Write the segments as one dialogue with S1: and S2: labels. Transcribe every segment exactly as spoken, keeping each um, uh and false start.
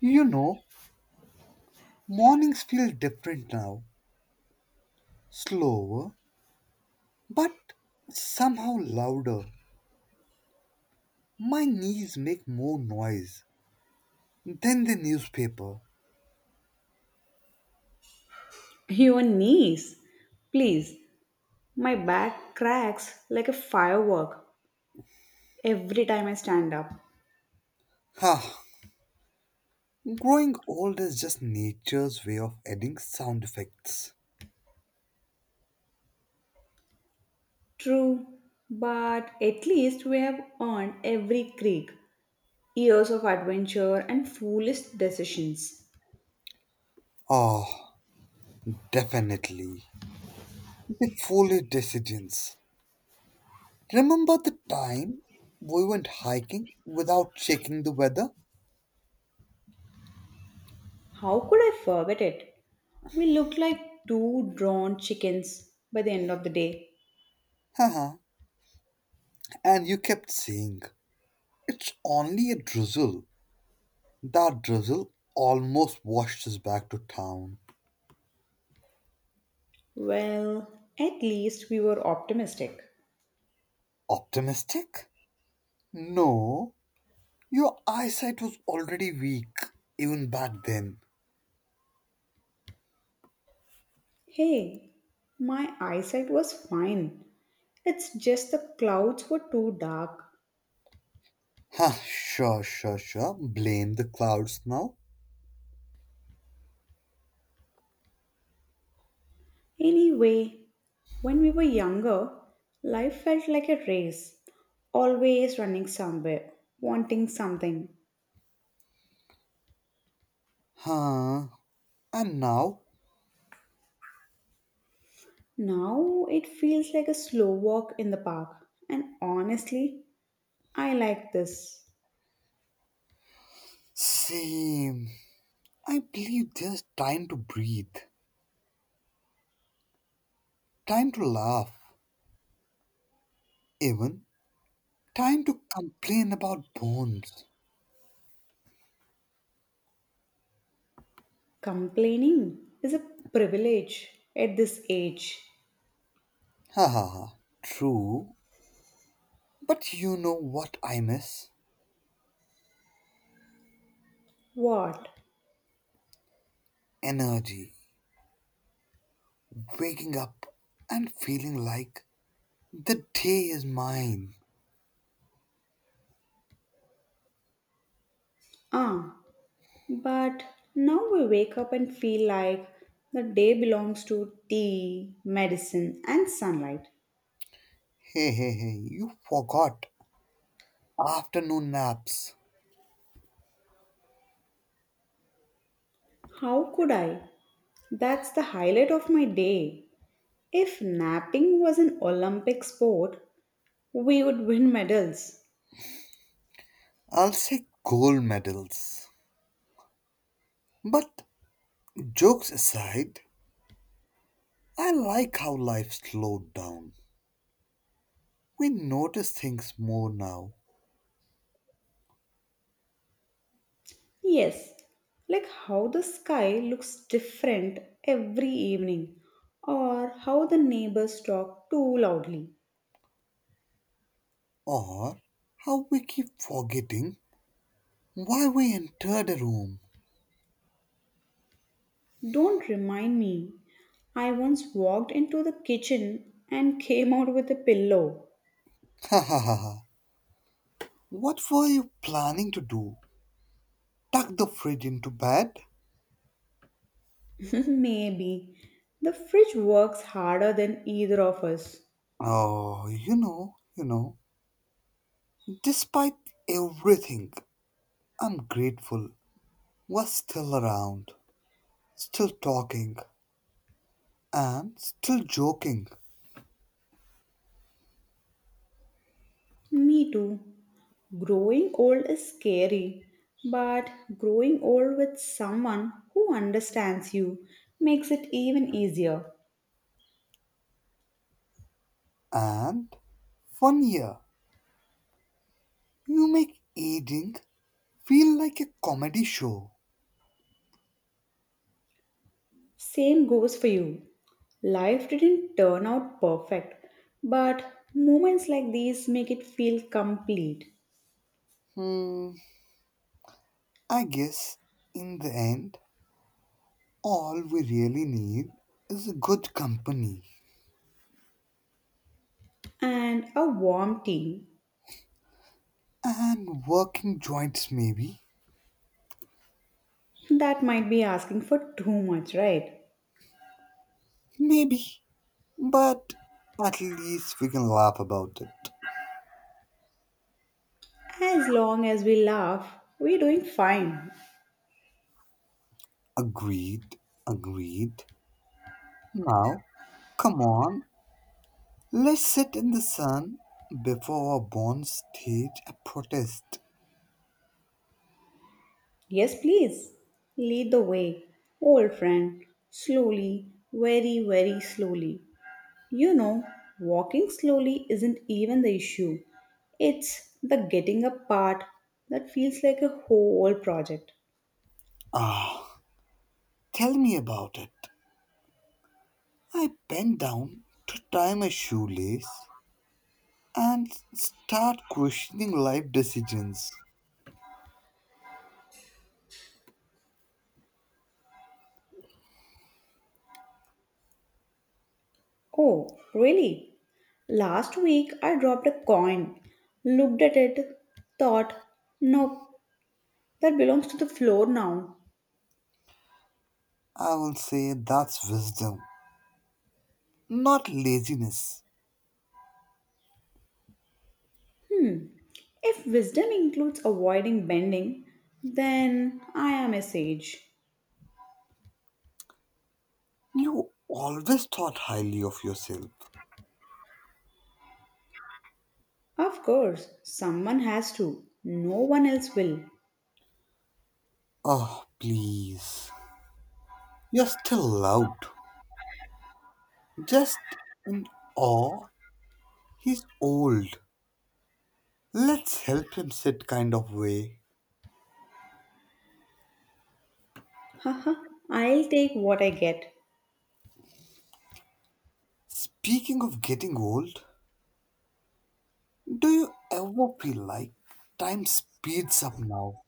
S1: You know, mornings feel different now, slower, but somehow louder. My knees make more noise than the newspaper.
S2: Your knees. Please, my back cracks like a firework every time I stand up.
S1: Ah, Growing old is just nature's way of adding sound effects.
S2: True, but at least we have earned every creak, years of adventure and foolish decisions.
S1: Ah, Definitely. The foliage decisions. Remember the time we went hiking without checking the weather?
S2: How could I forget it? We looked like two drawn chickens by the end of the day.
S1: Haha, and you kept saying, it's only a drizzle. That drizzle almost washed us back to town.
S2: Well, at least we were optimistic.
S1: Optimistic? No, your eyesight was already weak, even back then.
S2: Hey, my eyesight was fine. It's just the clouds were too dark.
S1: Huh, sure, sure, sure. Blame the clouds now.
S2: Anyway, when we were younger, life felt like a race, always running somewhere, wanting something.
S1: Huh, and now?
S2: Now it feels like a slow walk in the park, and honestly, I like this.
S1: Same. I believe there's time to breathe, time to laugh, even time to complain about bones.
S2: Complaining is a privilege at this age.
S1: Ha ha ha. True, but you know what I miss?
S2: What?
S1: Energy. Waking up and feeling like the day is mine.
S2: Ah, but now we wake up and feel like the day belongs to tea, medicine, and sunlight.
S1: Hey, hey, hey, you forgot afternoon naps.
S2: How could I? That's the highlight of my day. If napping was an Olympic sport, we would win medals.
S1: I'll say gold medals. But jokes aside, I like how life slowed down. We notice things more now,
S2: Yes, like how the sky looks different every evening, or how the neighbors talk too loudly.
S1: or how we keep forgetting why we entered a room.
S2: Don't remind me. I once walked into the kitchen and came out with a pillow.
S1: Ha ha ha. Ha. What were you planning to do? Tuck the fridge into bed?
S2: Maybe. The fridge works harder than either of us.
S1: Oh, you know, you know. Despite everything, I'm grateful. Was still around, still talking, and still joking.
S2: Me too. Growing old is scary, but growing old with someone who understands you makes it even easier.
S1: And one year, you make eating feel like a comedy show.
S2: Same goes for you. Life didn't turn out perfect, but moments like these make it feel complete.
S1: Hmm, I guess in the end, all we really need is a good company
S2: And a warm tea,
S1: and working joints, maybe.
S2: that might be asking for too much, right?
S1: Maybe, but at least we can laugh about it.
S2: As long as we laugh, we're doing fine.
S1: Agreed, agreed. Now, come on, let's sit in the sun before our bonds stage a protest.
S2: Yes, please. Lead the way, old friend. Slowly, very, very slowly. You know, walking slowly isn't even the issue. It's the getting up part that feels like a whole project.
S1: Ah, Tell me about it. I bend down to tie my shoelace and start questioning life decisions.
S2: Oh, really? Last week I dropped a coin, looked at it, thought, nope, that belongs to the floor now.
S1: I will say that's wisdom, not laziness.
S2: Hmm. If wisdom includes avoiding bending, then I am a sage.
S1: You always thought highly of yourself.
S2: Of course, someone has to. No one else will.
S1: Oh, please. You're still loud. Just in awe, he's old. Let's help him sit kind of way.
S2: Haha, I'll take what I get.
S1: Speaking of getting old, do you ever feel like time speeds up now?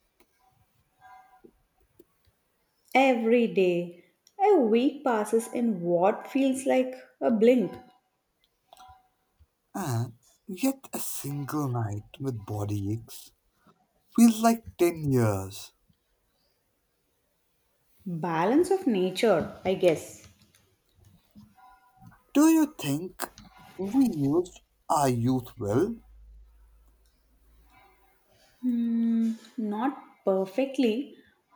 S2: Every day, a week passes in what feels like a blink.
S1: And yet a single night with body aches feels like ten years.
S2: Balance of nature, I guess.
S1: Do you think we used our youth well?
S2: Hmm, not perfectly,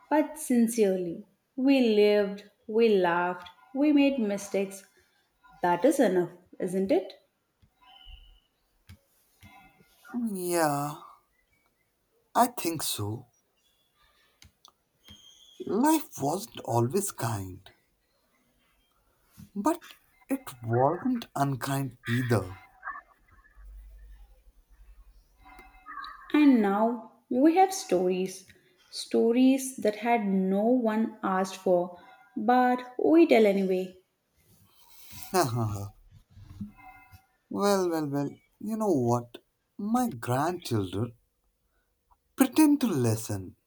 S2: but sincerely. We lived, we laughed, we made mistakes. That is enough, isn't it?
S1: Yeah, I think so. Life wasn't always kind, but it wasn't unkind either.
S2: And now we have stories. Stories that had no one asked for, but we tell anyway.
S1: Well, well, well, you know what? My grandchildren pretend to listen,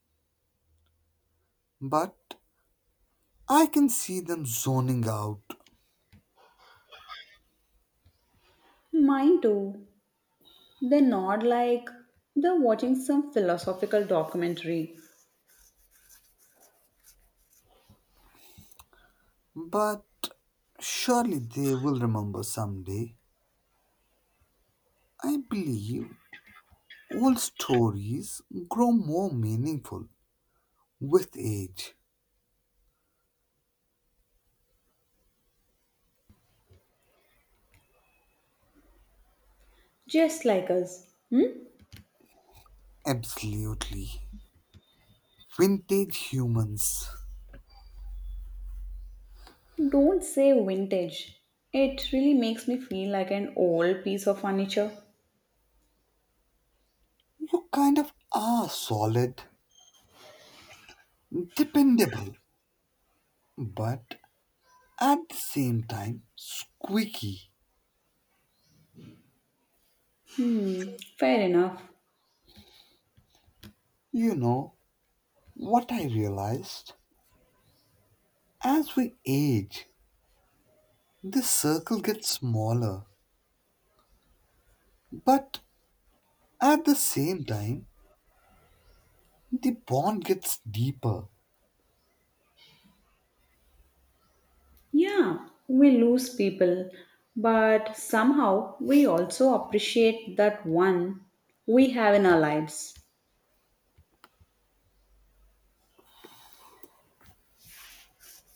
S1: but I can see them zoning out.
S2: Mine too. They nod like they're watching some philosophical documentary,
S1: But surely they will remember someday. I believe old stories grow more meaningful with age.
S2: just like us. Hmm?
S1: Absolutely. Vintage humans.
S2: Don't say vintage. It really makes me feel like an old piece of furniture.
S1: You kind of are solid, dependable, but at the same time, squeaky.
S2: Hmm, fair enough.
S1: You know, what I realized? As we age, this circle gets smaller, but at the same time, the bond gets deeper.
S2: Yeah, we lose people, but somehow we also appreciate that one we have in our lives,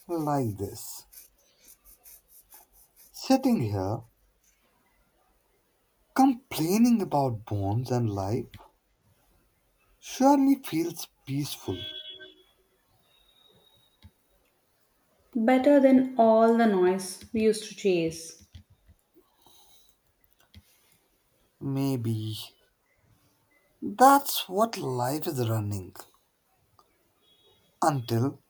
S1: Like this. Sitting here, complaining about bonds and life surely feels peaceful.
S2: better than all the noise we used to chase.
S1: Maybe that's what life is running until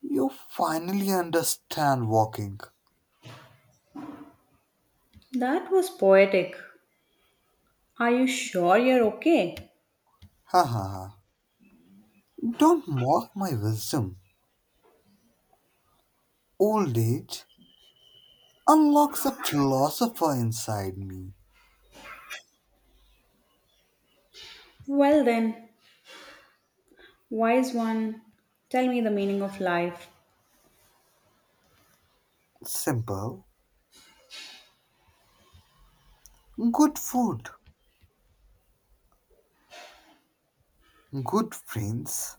S1: you finally understand walking.
S2: That was poetic. Are you sure you're okay?
S1: Ha ha ha. Don't mock my wisdom. Old age unlocks a philosopher inside me.
S2: Well, then, wise one, tell me the meaning of life.
S1: Simple, good food, good friends,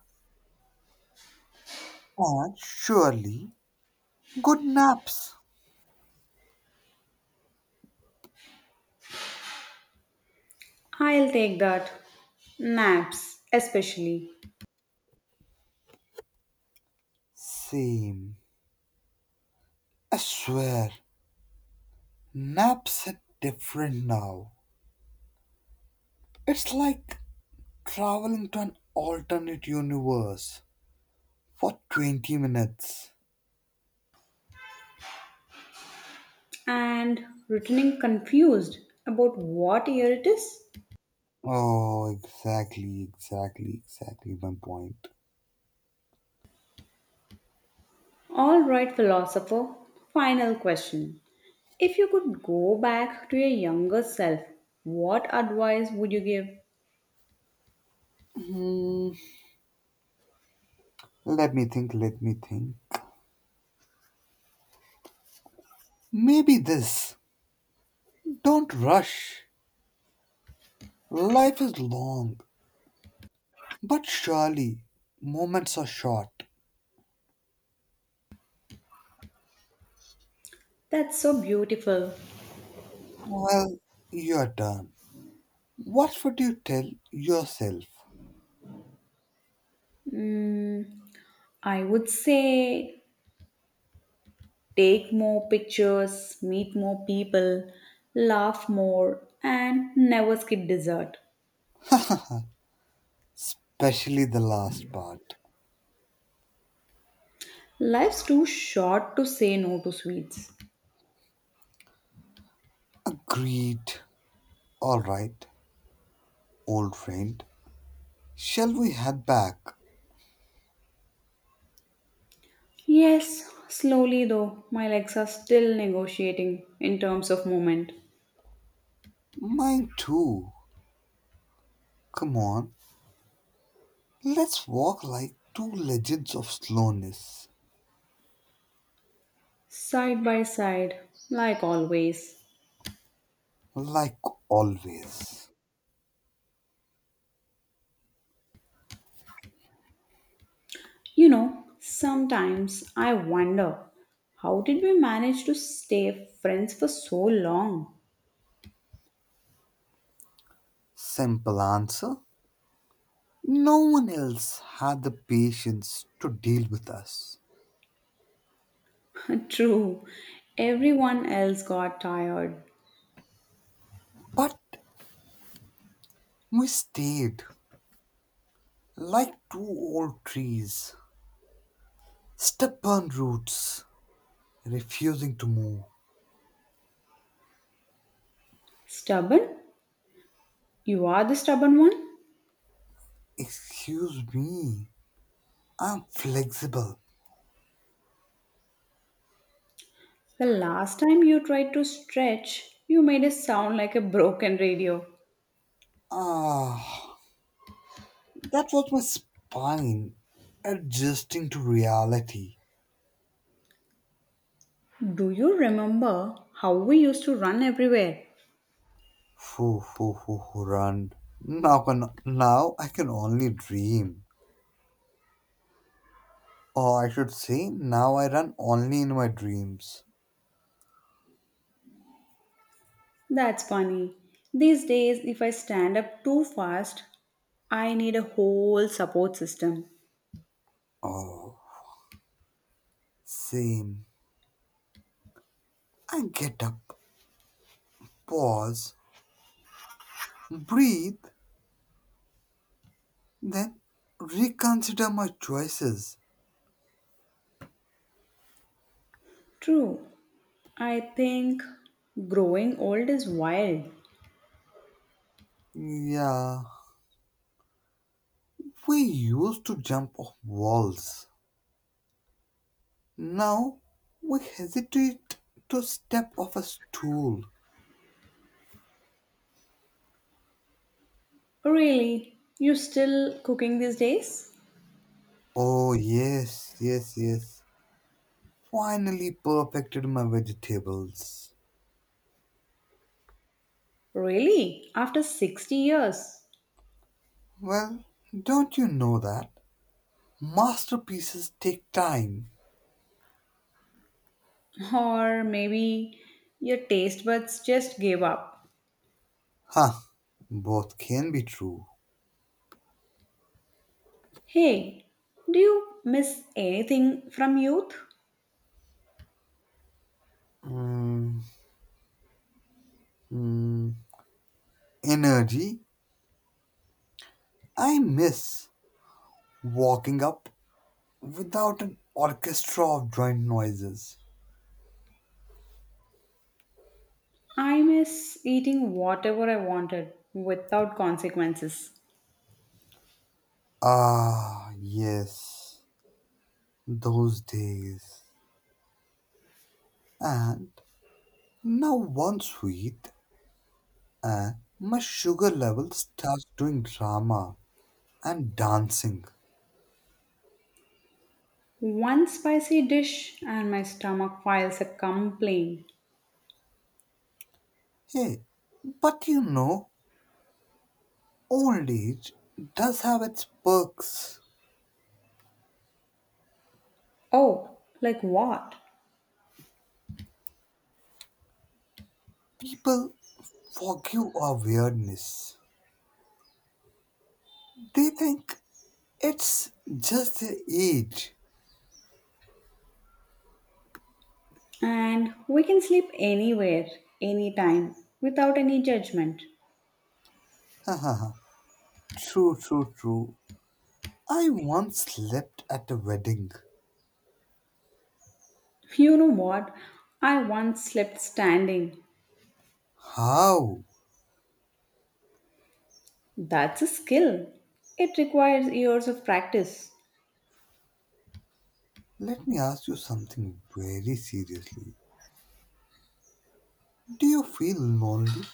S1: and surely good naps.
S2: I'll take that. Naps, especially.
S1: Same. I swear, naps are different now. It's like traveling to an alternate universe for twenty minutes.
S2: And returning confused about what year it is?
S1: Oh, exactly, exactly, exactly my point.
S2: All right, philosopher. Final question. If you could go back to your younger self, what advice would you give?
S1: Hmm, let me think, let me think. Maybe this. Don't rush. Life is long, but surely moments are short.
S2: That's so beautiful.
S1: Well, your turn. What would you tell yourself,
S2: Mm, I would say take more pictures, meet more people, laugh more, and never skip dessert.
S1: especially the last part?
S2: Life's too short to say no to sweets.
S1: Agreed. All right, old friend. Shall we head back?
S2: Yes, slowly though, my legs are still negotiating in terms of movement.
S1: Mine too. Come on. Let's walk like two legends of slowness,
S2: Side by side, like always.
S1: like always.
S2: You know, sometimes I wonder, how did we manage to stay friends for so long?
S1: Simple answer. No one else had the patience to deal with us.
S2: True, everyone else got tired.
S1: But we stayed like two old trees, stubborn roots, refusing to move.
S2: Stubborn? You are the stubborn one?
S1: Excuse me, I'm flexible.
S2: The last time you tried to stretch, you made it sound like a broken radio.
S1: Ah, that was my spine adjusting to reality.
S2: Do you remember how we used to run everywhere?
S1: Foo, foo, foo, foo, run. Now, can, now I can only dream. Or I should say, now I run only in my dreams.
S2: That's funny. These days, if I stand up too fast, I need a whole support system.
S1: Oh, same. I get up, pause, breathe, then reconsider my choices.
S2: True. I think growing old is wild.
S1: Yeah, we used to jump off walls. Now we hesitate to step off a stool.
S2: Really? You still cooking these days?
S1: Oh, yes, yes, yes. Finally perfected my vegetables.
S2: Really? After sixty years?
S1: Well, don't you know that? Masterpieces take time.
S2: Or maybe your taste buds just gave up.
S1: Huh, Both can be true.
S2: Hey, do you miss anything from youth?
S1: Mhm. Energy. I miss walking up without an orchestra of joint noises.
S2: I miss eating whatever I wanted without consequences.
S1: Ah, yes, those days. And now one sweet, and my sugar level starts doing drama and dancing.
S2: One spicy dish and my stomach files a complaint.
S1: Hey, but you know, old age does have its perks.
S2: Oh, like what?
S1: People forgive our weirdness. They think it's just the age.
S2: And we can sleep anywhere, anytime, without any judgment.
S1: Hahaha. True, true, true. I once slept at a wedding.
S2: You know what? I once slept standing.
S1: How?
S2: That's a skill. It requires years of practice.
S1: Let me ask you something very seriously. Do you feel lonely?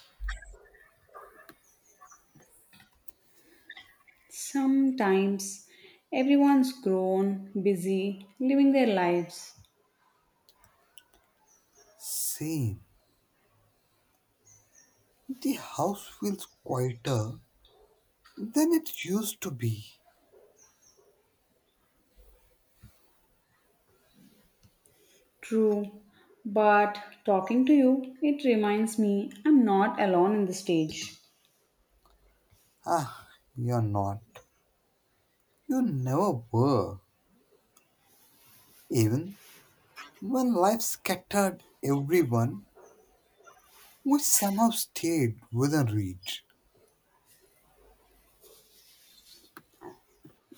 S2: Sometimes everyone's grown, busy, living their lives.
S1: Same. The house feels quieter than it used to be.
S2: True, but talking to you, it reminds me I'm not alone in the stage.
S1: Ah, you're not. You never were. Even when life scattered everyone, we somehow stayed within reach.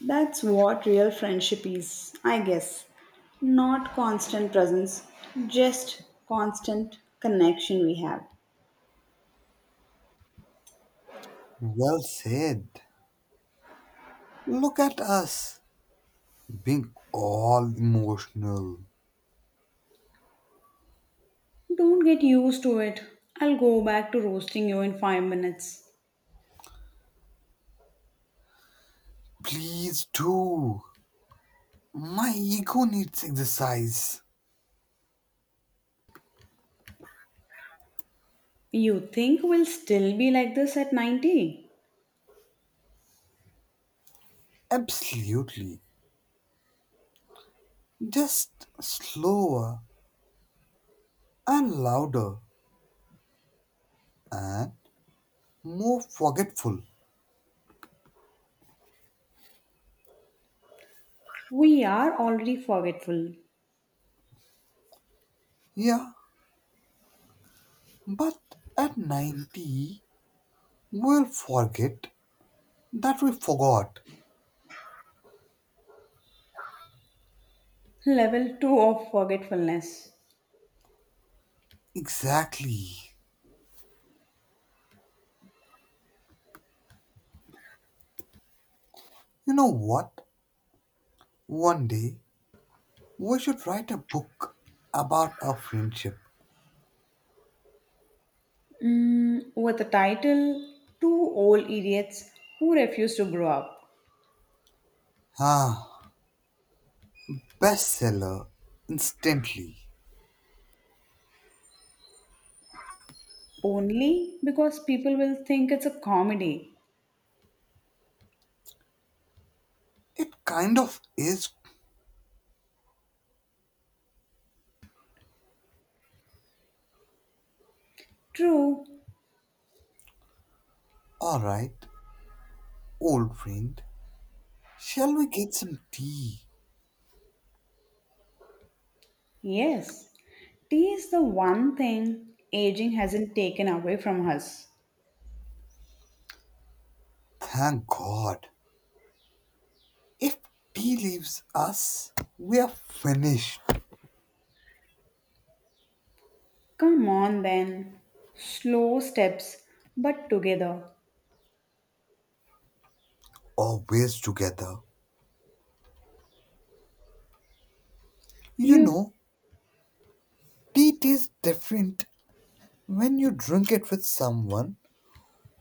S2: That's what real friendship is, I guess. Not constant presence, just constant connection we have.
S1: Well said. Look at us being all emotional.
S2: Don't get used to it. I'll go back to roasting you in five minutes.
S1: Please do. My ego needs exercise.
S2: You think we'll still be like this at ninety?
S1: Absolutely. Just slower and louder and more forgetful.
S2: We are already forgetful.
S1: Yeah, but at ninety, we'll forget that we forgot.
S2: Level two of forgetfulness.
S1: Exactly. You know what? One day, we should write a book about our friendship.
S2: Mm, with a title, Two Old Idiots Who Refuse to Grow Up.
S1: Ah, Bestseller instantly.
S2: Only because people will think it's a comedy.
S1: It kind of is.
S2: True,
S1: Alright, old friend, shall we get some tea?
S2: yes. Tea is the one thing aging hasn't taken away from us.
S1: Thank God. If tea leaves us, we are finished.
S2: Come on then. Slow steps, but together.
S1: Always together. You
S2: You,
S1: know, tea tastes different when you drink it with someone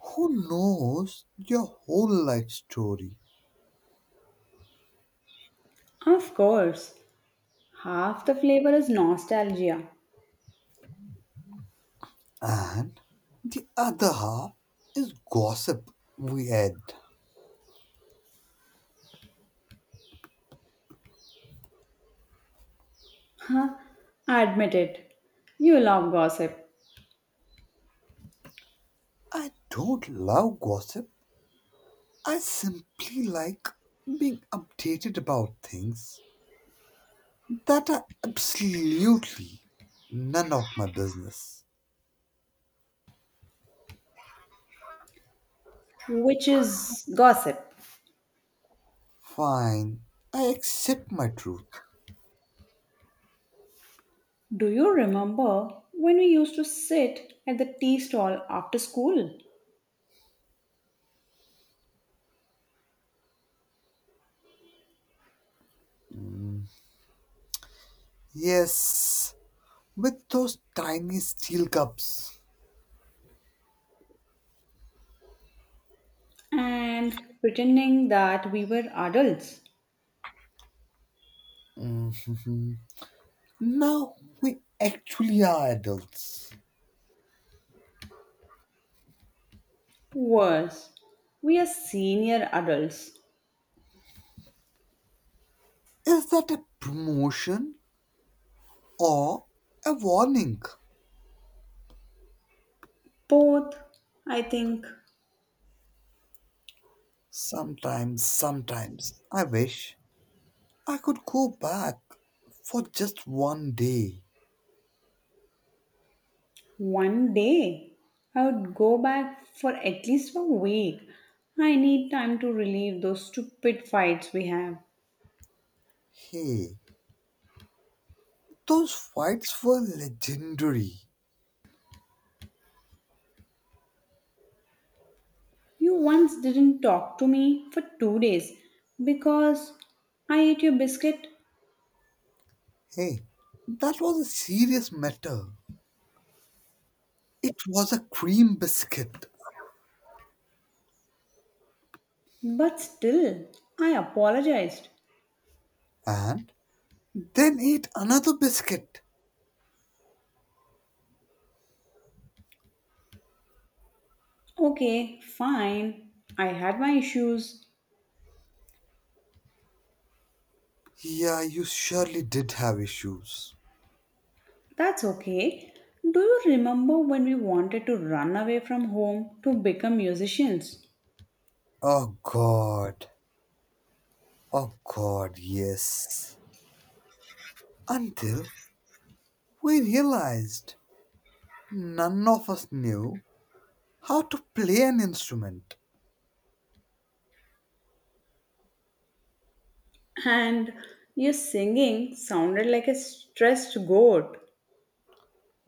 S1: who knows your whole life story.
S2: of course, half the flavor is nostalgia.
S1: And the other half is gossip we add.
S2: Huh? Admit it. You love gossip,
S1: I don't love gossip. I simply like being updated about things that are absolutely none of my business.
S2: which is gossip.
S1: Fine, I accept my truth.
S2: Do you remember when we used to sit at the tea stall after school
S1: Yes, with those tiny steel cups.
S2: and pretending that we were adults?
S1: Now we actually are adults.
S2: Worse, we are senior adults.
S1: Is that a promotion or a warning?
S2: Both, I think.
S1: Sometimes, sometimes I wish I could go back for just one day.
S2: One day, I would go back for at least a week. I need time to relive those stupid fights we have.
S1: Hey, those fights were legendary.
S2: You once didn't talk to me for two days because I ate your biscuit,
S1: Hey, that was a serious matter. It was a cream biscuit.
S2: but still, I apologized.
S1: And then ate another biscuit.
S2: Okay, fine. I had my issues.
S1: Yeah, you surely did have issues.
S2: That's okay. Do you remember when we wanted to run away from home to become musicians?
S1: Oh god. Oh god, yes. Until we realized none of us knew how to play an instrument.
S2: And your singing sounded like a stressed goat.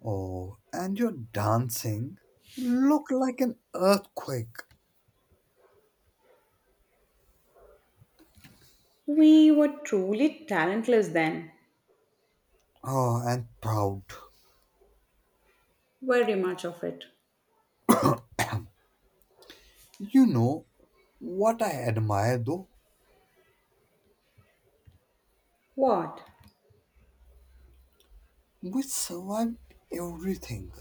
S1: Oh, and your dancing looked like an earthquake.
S2: We were truly talentless then.
S1: Oh, and proud.
S2: Very much of it.
S1: You know what I admire though?
S2: What?
S1: We survived everything,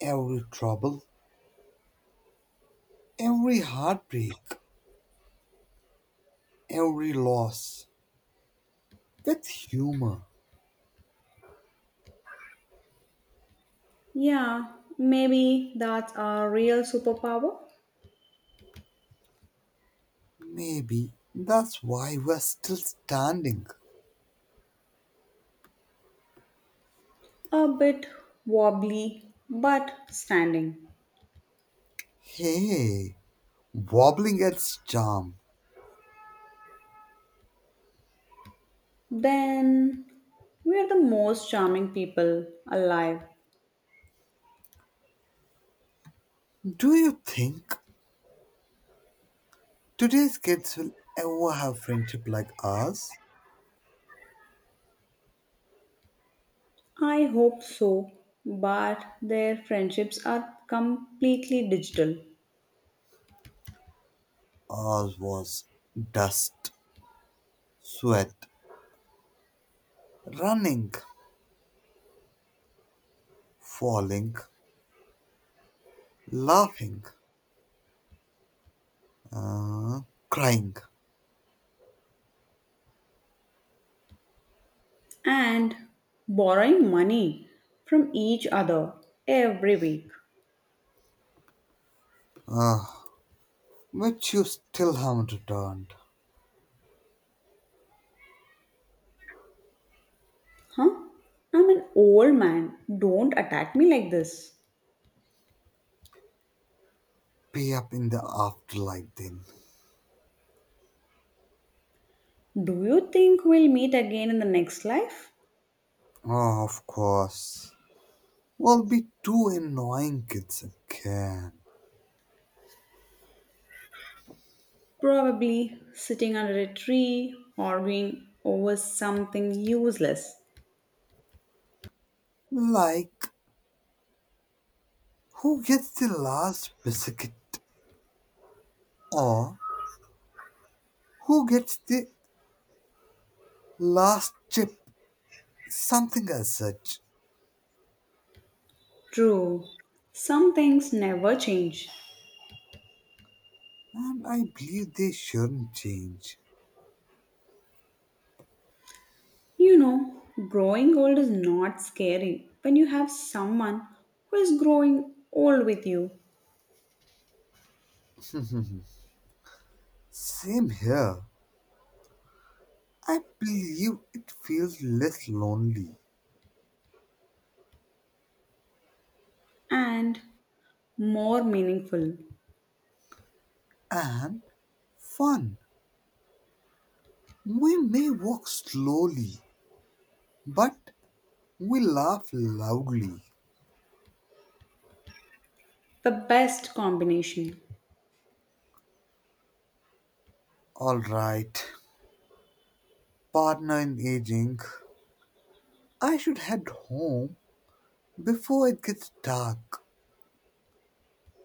S1: every trouble, every heartbreak, every loss with humor.
S2: Yeah, maybe that's our real superpower.
S1: Maybe that's why we're still standing.
S2: A bit wobbly, but standing.
S1: Hey, wobbling its charm.
S2: Then we're the most charming people alive.
S1: Do you think today's kids will ever have friendship like ours?
S2: I hope so, but their friendships are completely digital,
S1: All was dust, sweat, running, falling, laughing, uh, crying.
S2: and borrowing money from each other every week.
S1: Uh, which you still haven't returned.
S2: Huh? I'm an old man. Don't attack me like this.
S1: Pay up in the afterlife then.
S2: Do you think we'll meet again in the next life?
S1: Oh, of course. We'll be two annoying kids again.
S2: Probably sitting under a tree, arguing over something useless.
S1: Like, who gets the last biscuit? Or who gets the last chip? Something as such.
S2: True, some things never change.
S1: And I believe they shouldn't change.
S2: You know, growing old is not scary when you have someone who is growing old with you,
S1: Same here. I believe it feels less lonely
S2: and more meaningful.
S1: and fun. We may walk slowly, but we laugh loudly.
S2: The best combination.
S1: All right, partner in aging. I should head home before it gets dark.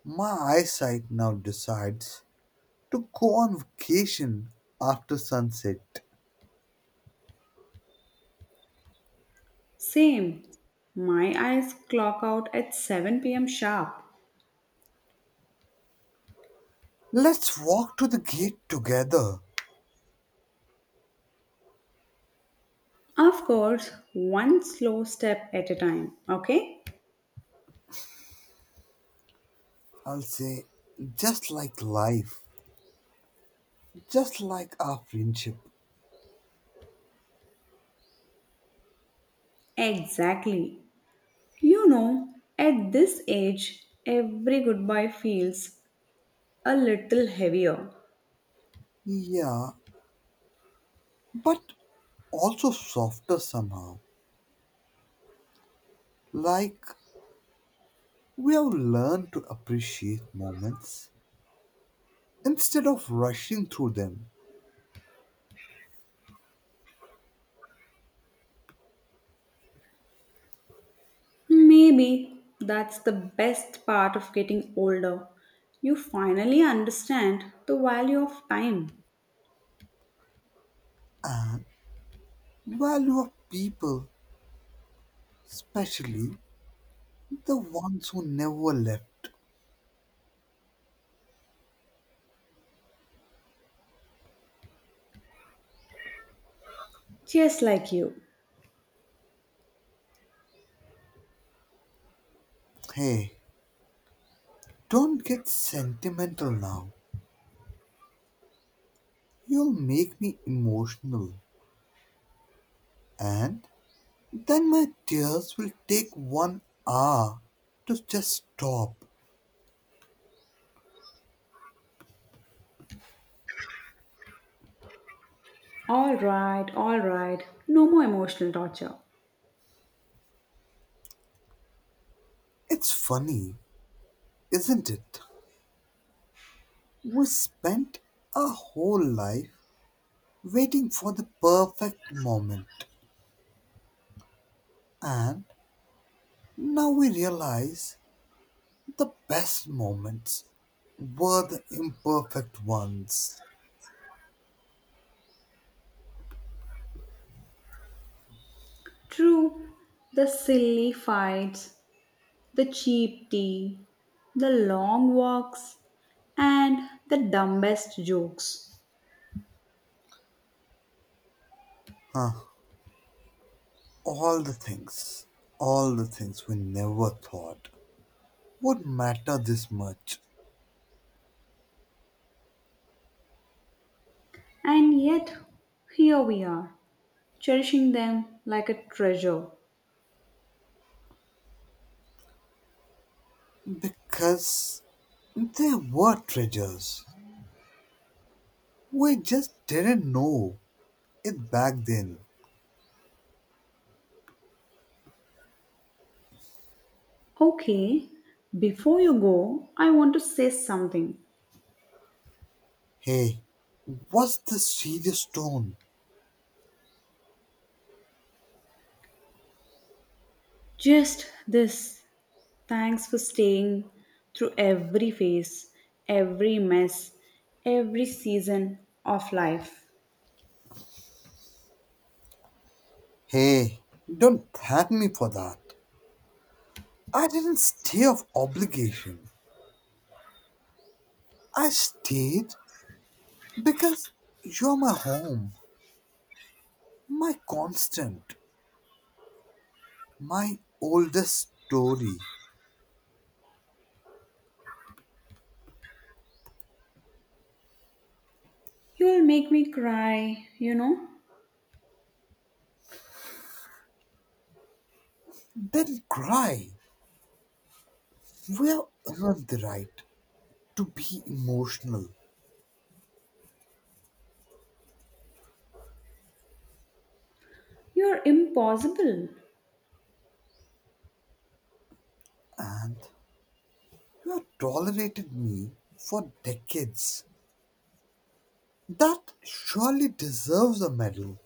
S1: My eyesight now decides to go on vacation after sunset.
S2: Same. My eyes clock out at seven p m sharp.
S1: Let's walk to the gate together.
S2: Of course, one slow step at a time, okay?
S1: I'll say, just like life, just like our friendship.
S2: Exactly. You know, at this age, every goodbye feels a little heavier.
S1: Yeah, but also softer somehow. Like we have learned to appreciate moments instead of rushing through them
S2: Maybe that's the best part of getting older. You finally understand the value of time.
S1: and value of people, especially the ones who never left.
S2: Just like you.
S1: Hey, don't get sentimental now. You'll make me emotional, and then my tears will take one hour to just stop.
S2: All right, all right. No more emotional torture.
S1: It's funny, isn't it? We spent a whole life waiting for the perfect moment, and now we realize the best moments were the imperfect ones.
S2: True, the silly fights, the cheap tea, the long walks, and the dumbest jokes.
S1: Huh. All the things, all the things we never thought would matter this much
S2: And yet, here we are, cherishing them like a treasure.
S1: because they were treasures. We just didn't know it back then.
S2: Okay, before you go, I want to say something.
S1: Hey, what's the serious tone?
S2: Just this, thanks for staying through every phase, every mess, every season of life.
S1: Hey, don't thank me for that. I didn't stay of obligation. I stayed because you're my home, my constant, my oldest story.
S2: You'll make me cry, you know.
S1: Then cry. We have earned the right to be emotional,
S2: You're impossible.
S1: and you have tolerated me for decades. That surely deserves a medal.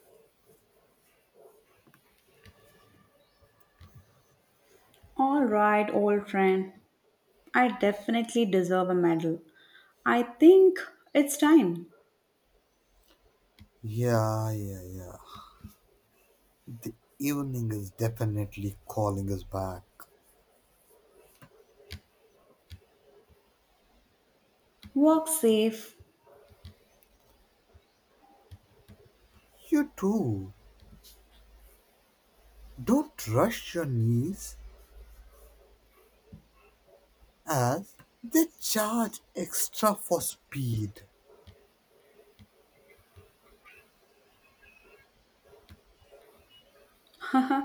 S2: All right, old friend. I definitely deserve a medal. I think it's time.
S1: Yeah, yeah, yeah. The evening is definitely calling us back.
S2: Walk safe.
S1: You too. Don't rush your knees as they charge extra for speed.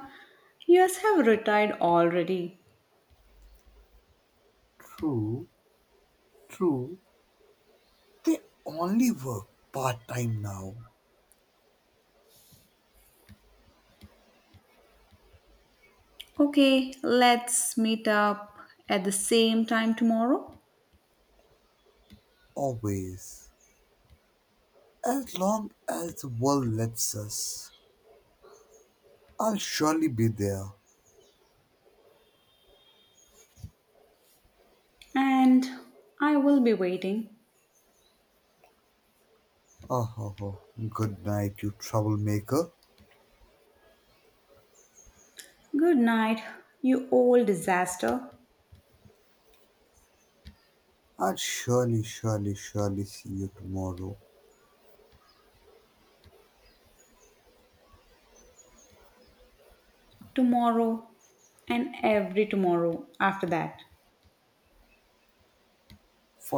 S2: Yes, have retired already.
S1: True, true. They only work part time now.
S2: Okay, let's meet up at the same time tomorrow.
S1: Always. As long as the world lets us, I'll surely be there.
S2: And I will be waiting.
S1: Oh, ho, ho. Good night, you troublemaker.
S2: Good night, you old disaster.
S1: I'll surely, surely, surely see you tomorrow.
S2: Tomorrow and every tomorrow after that.
S1: For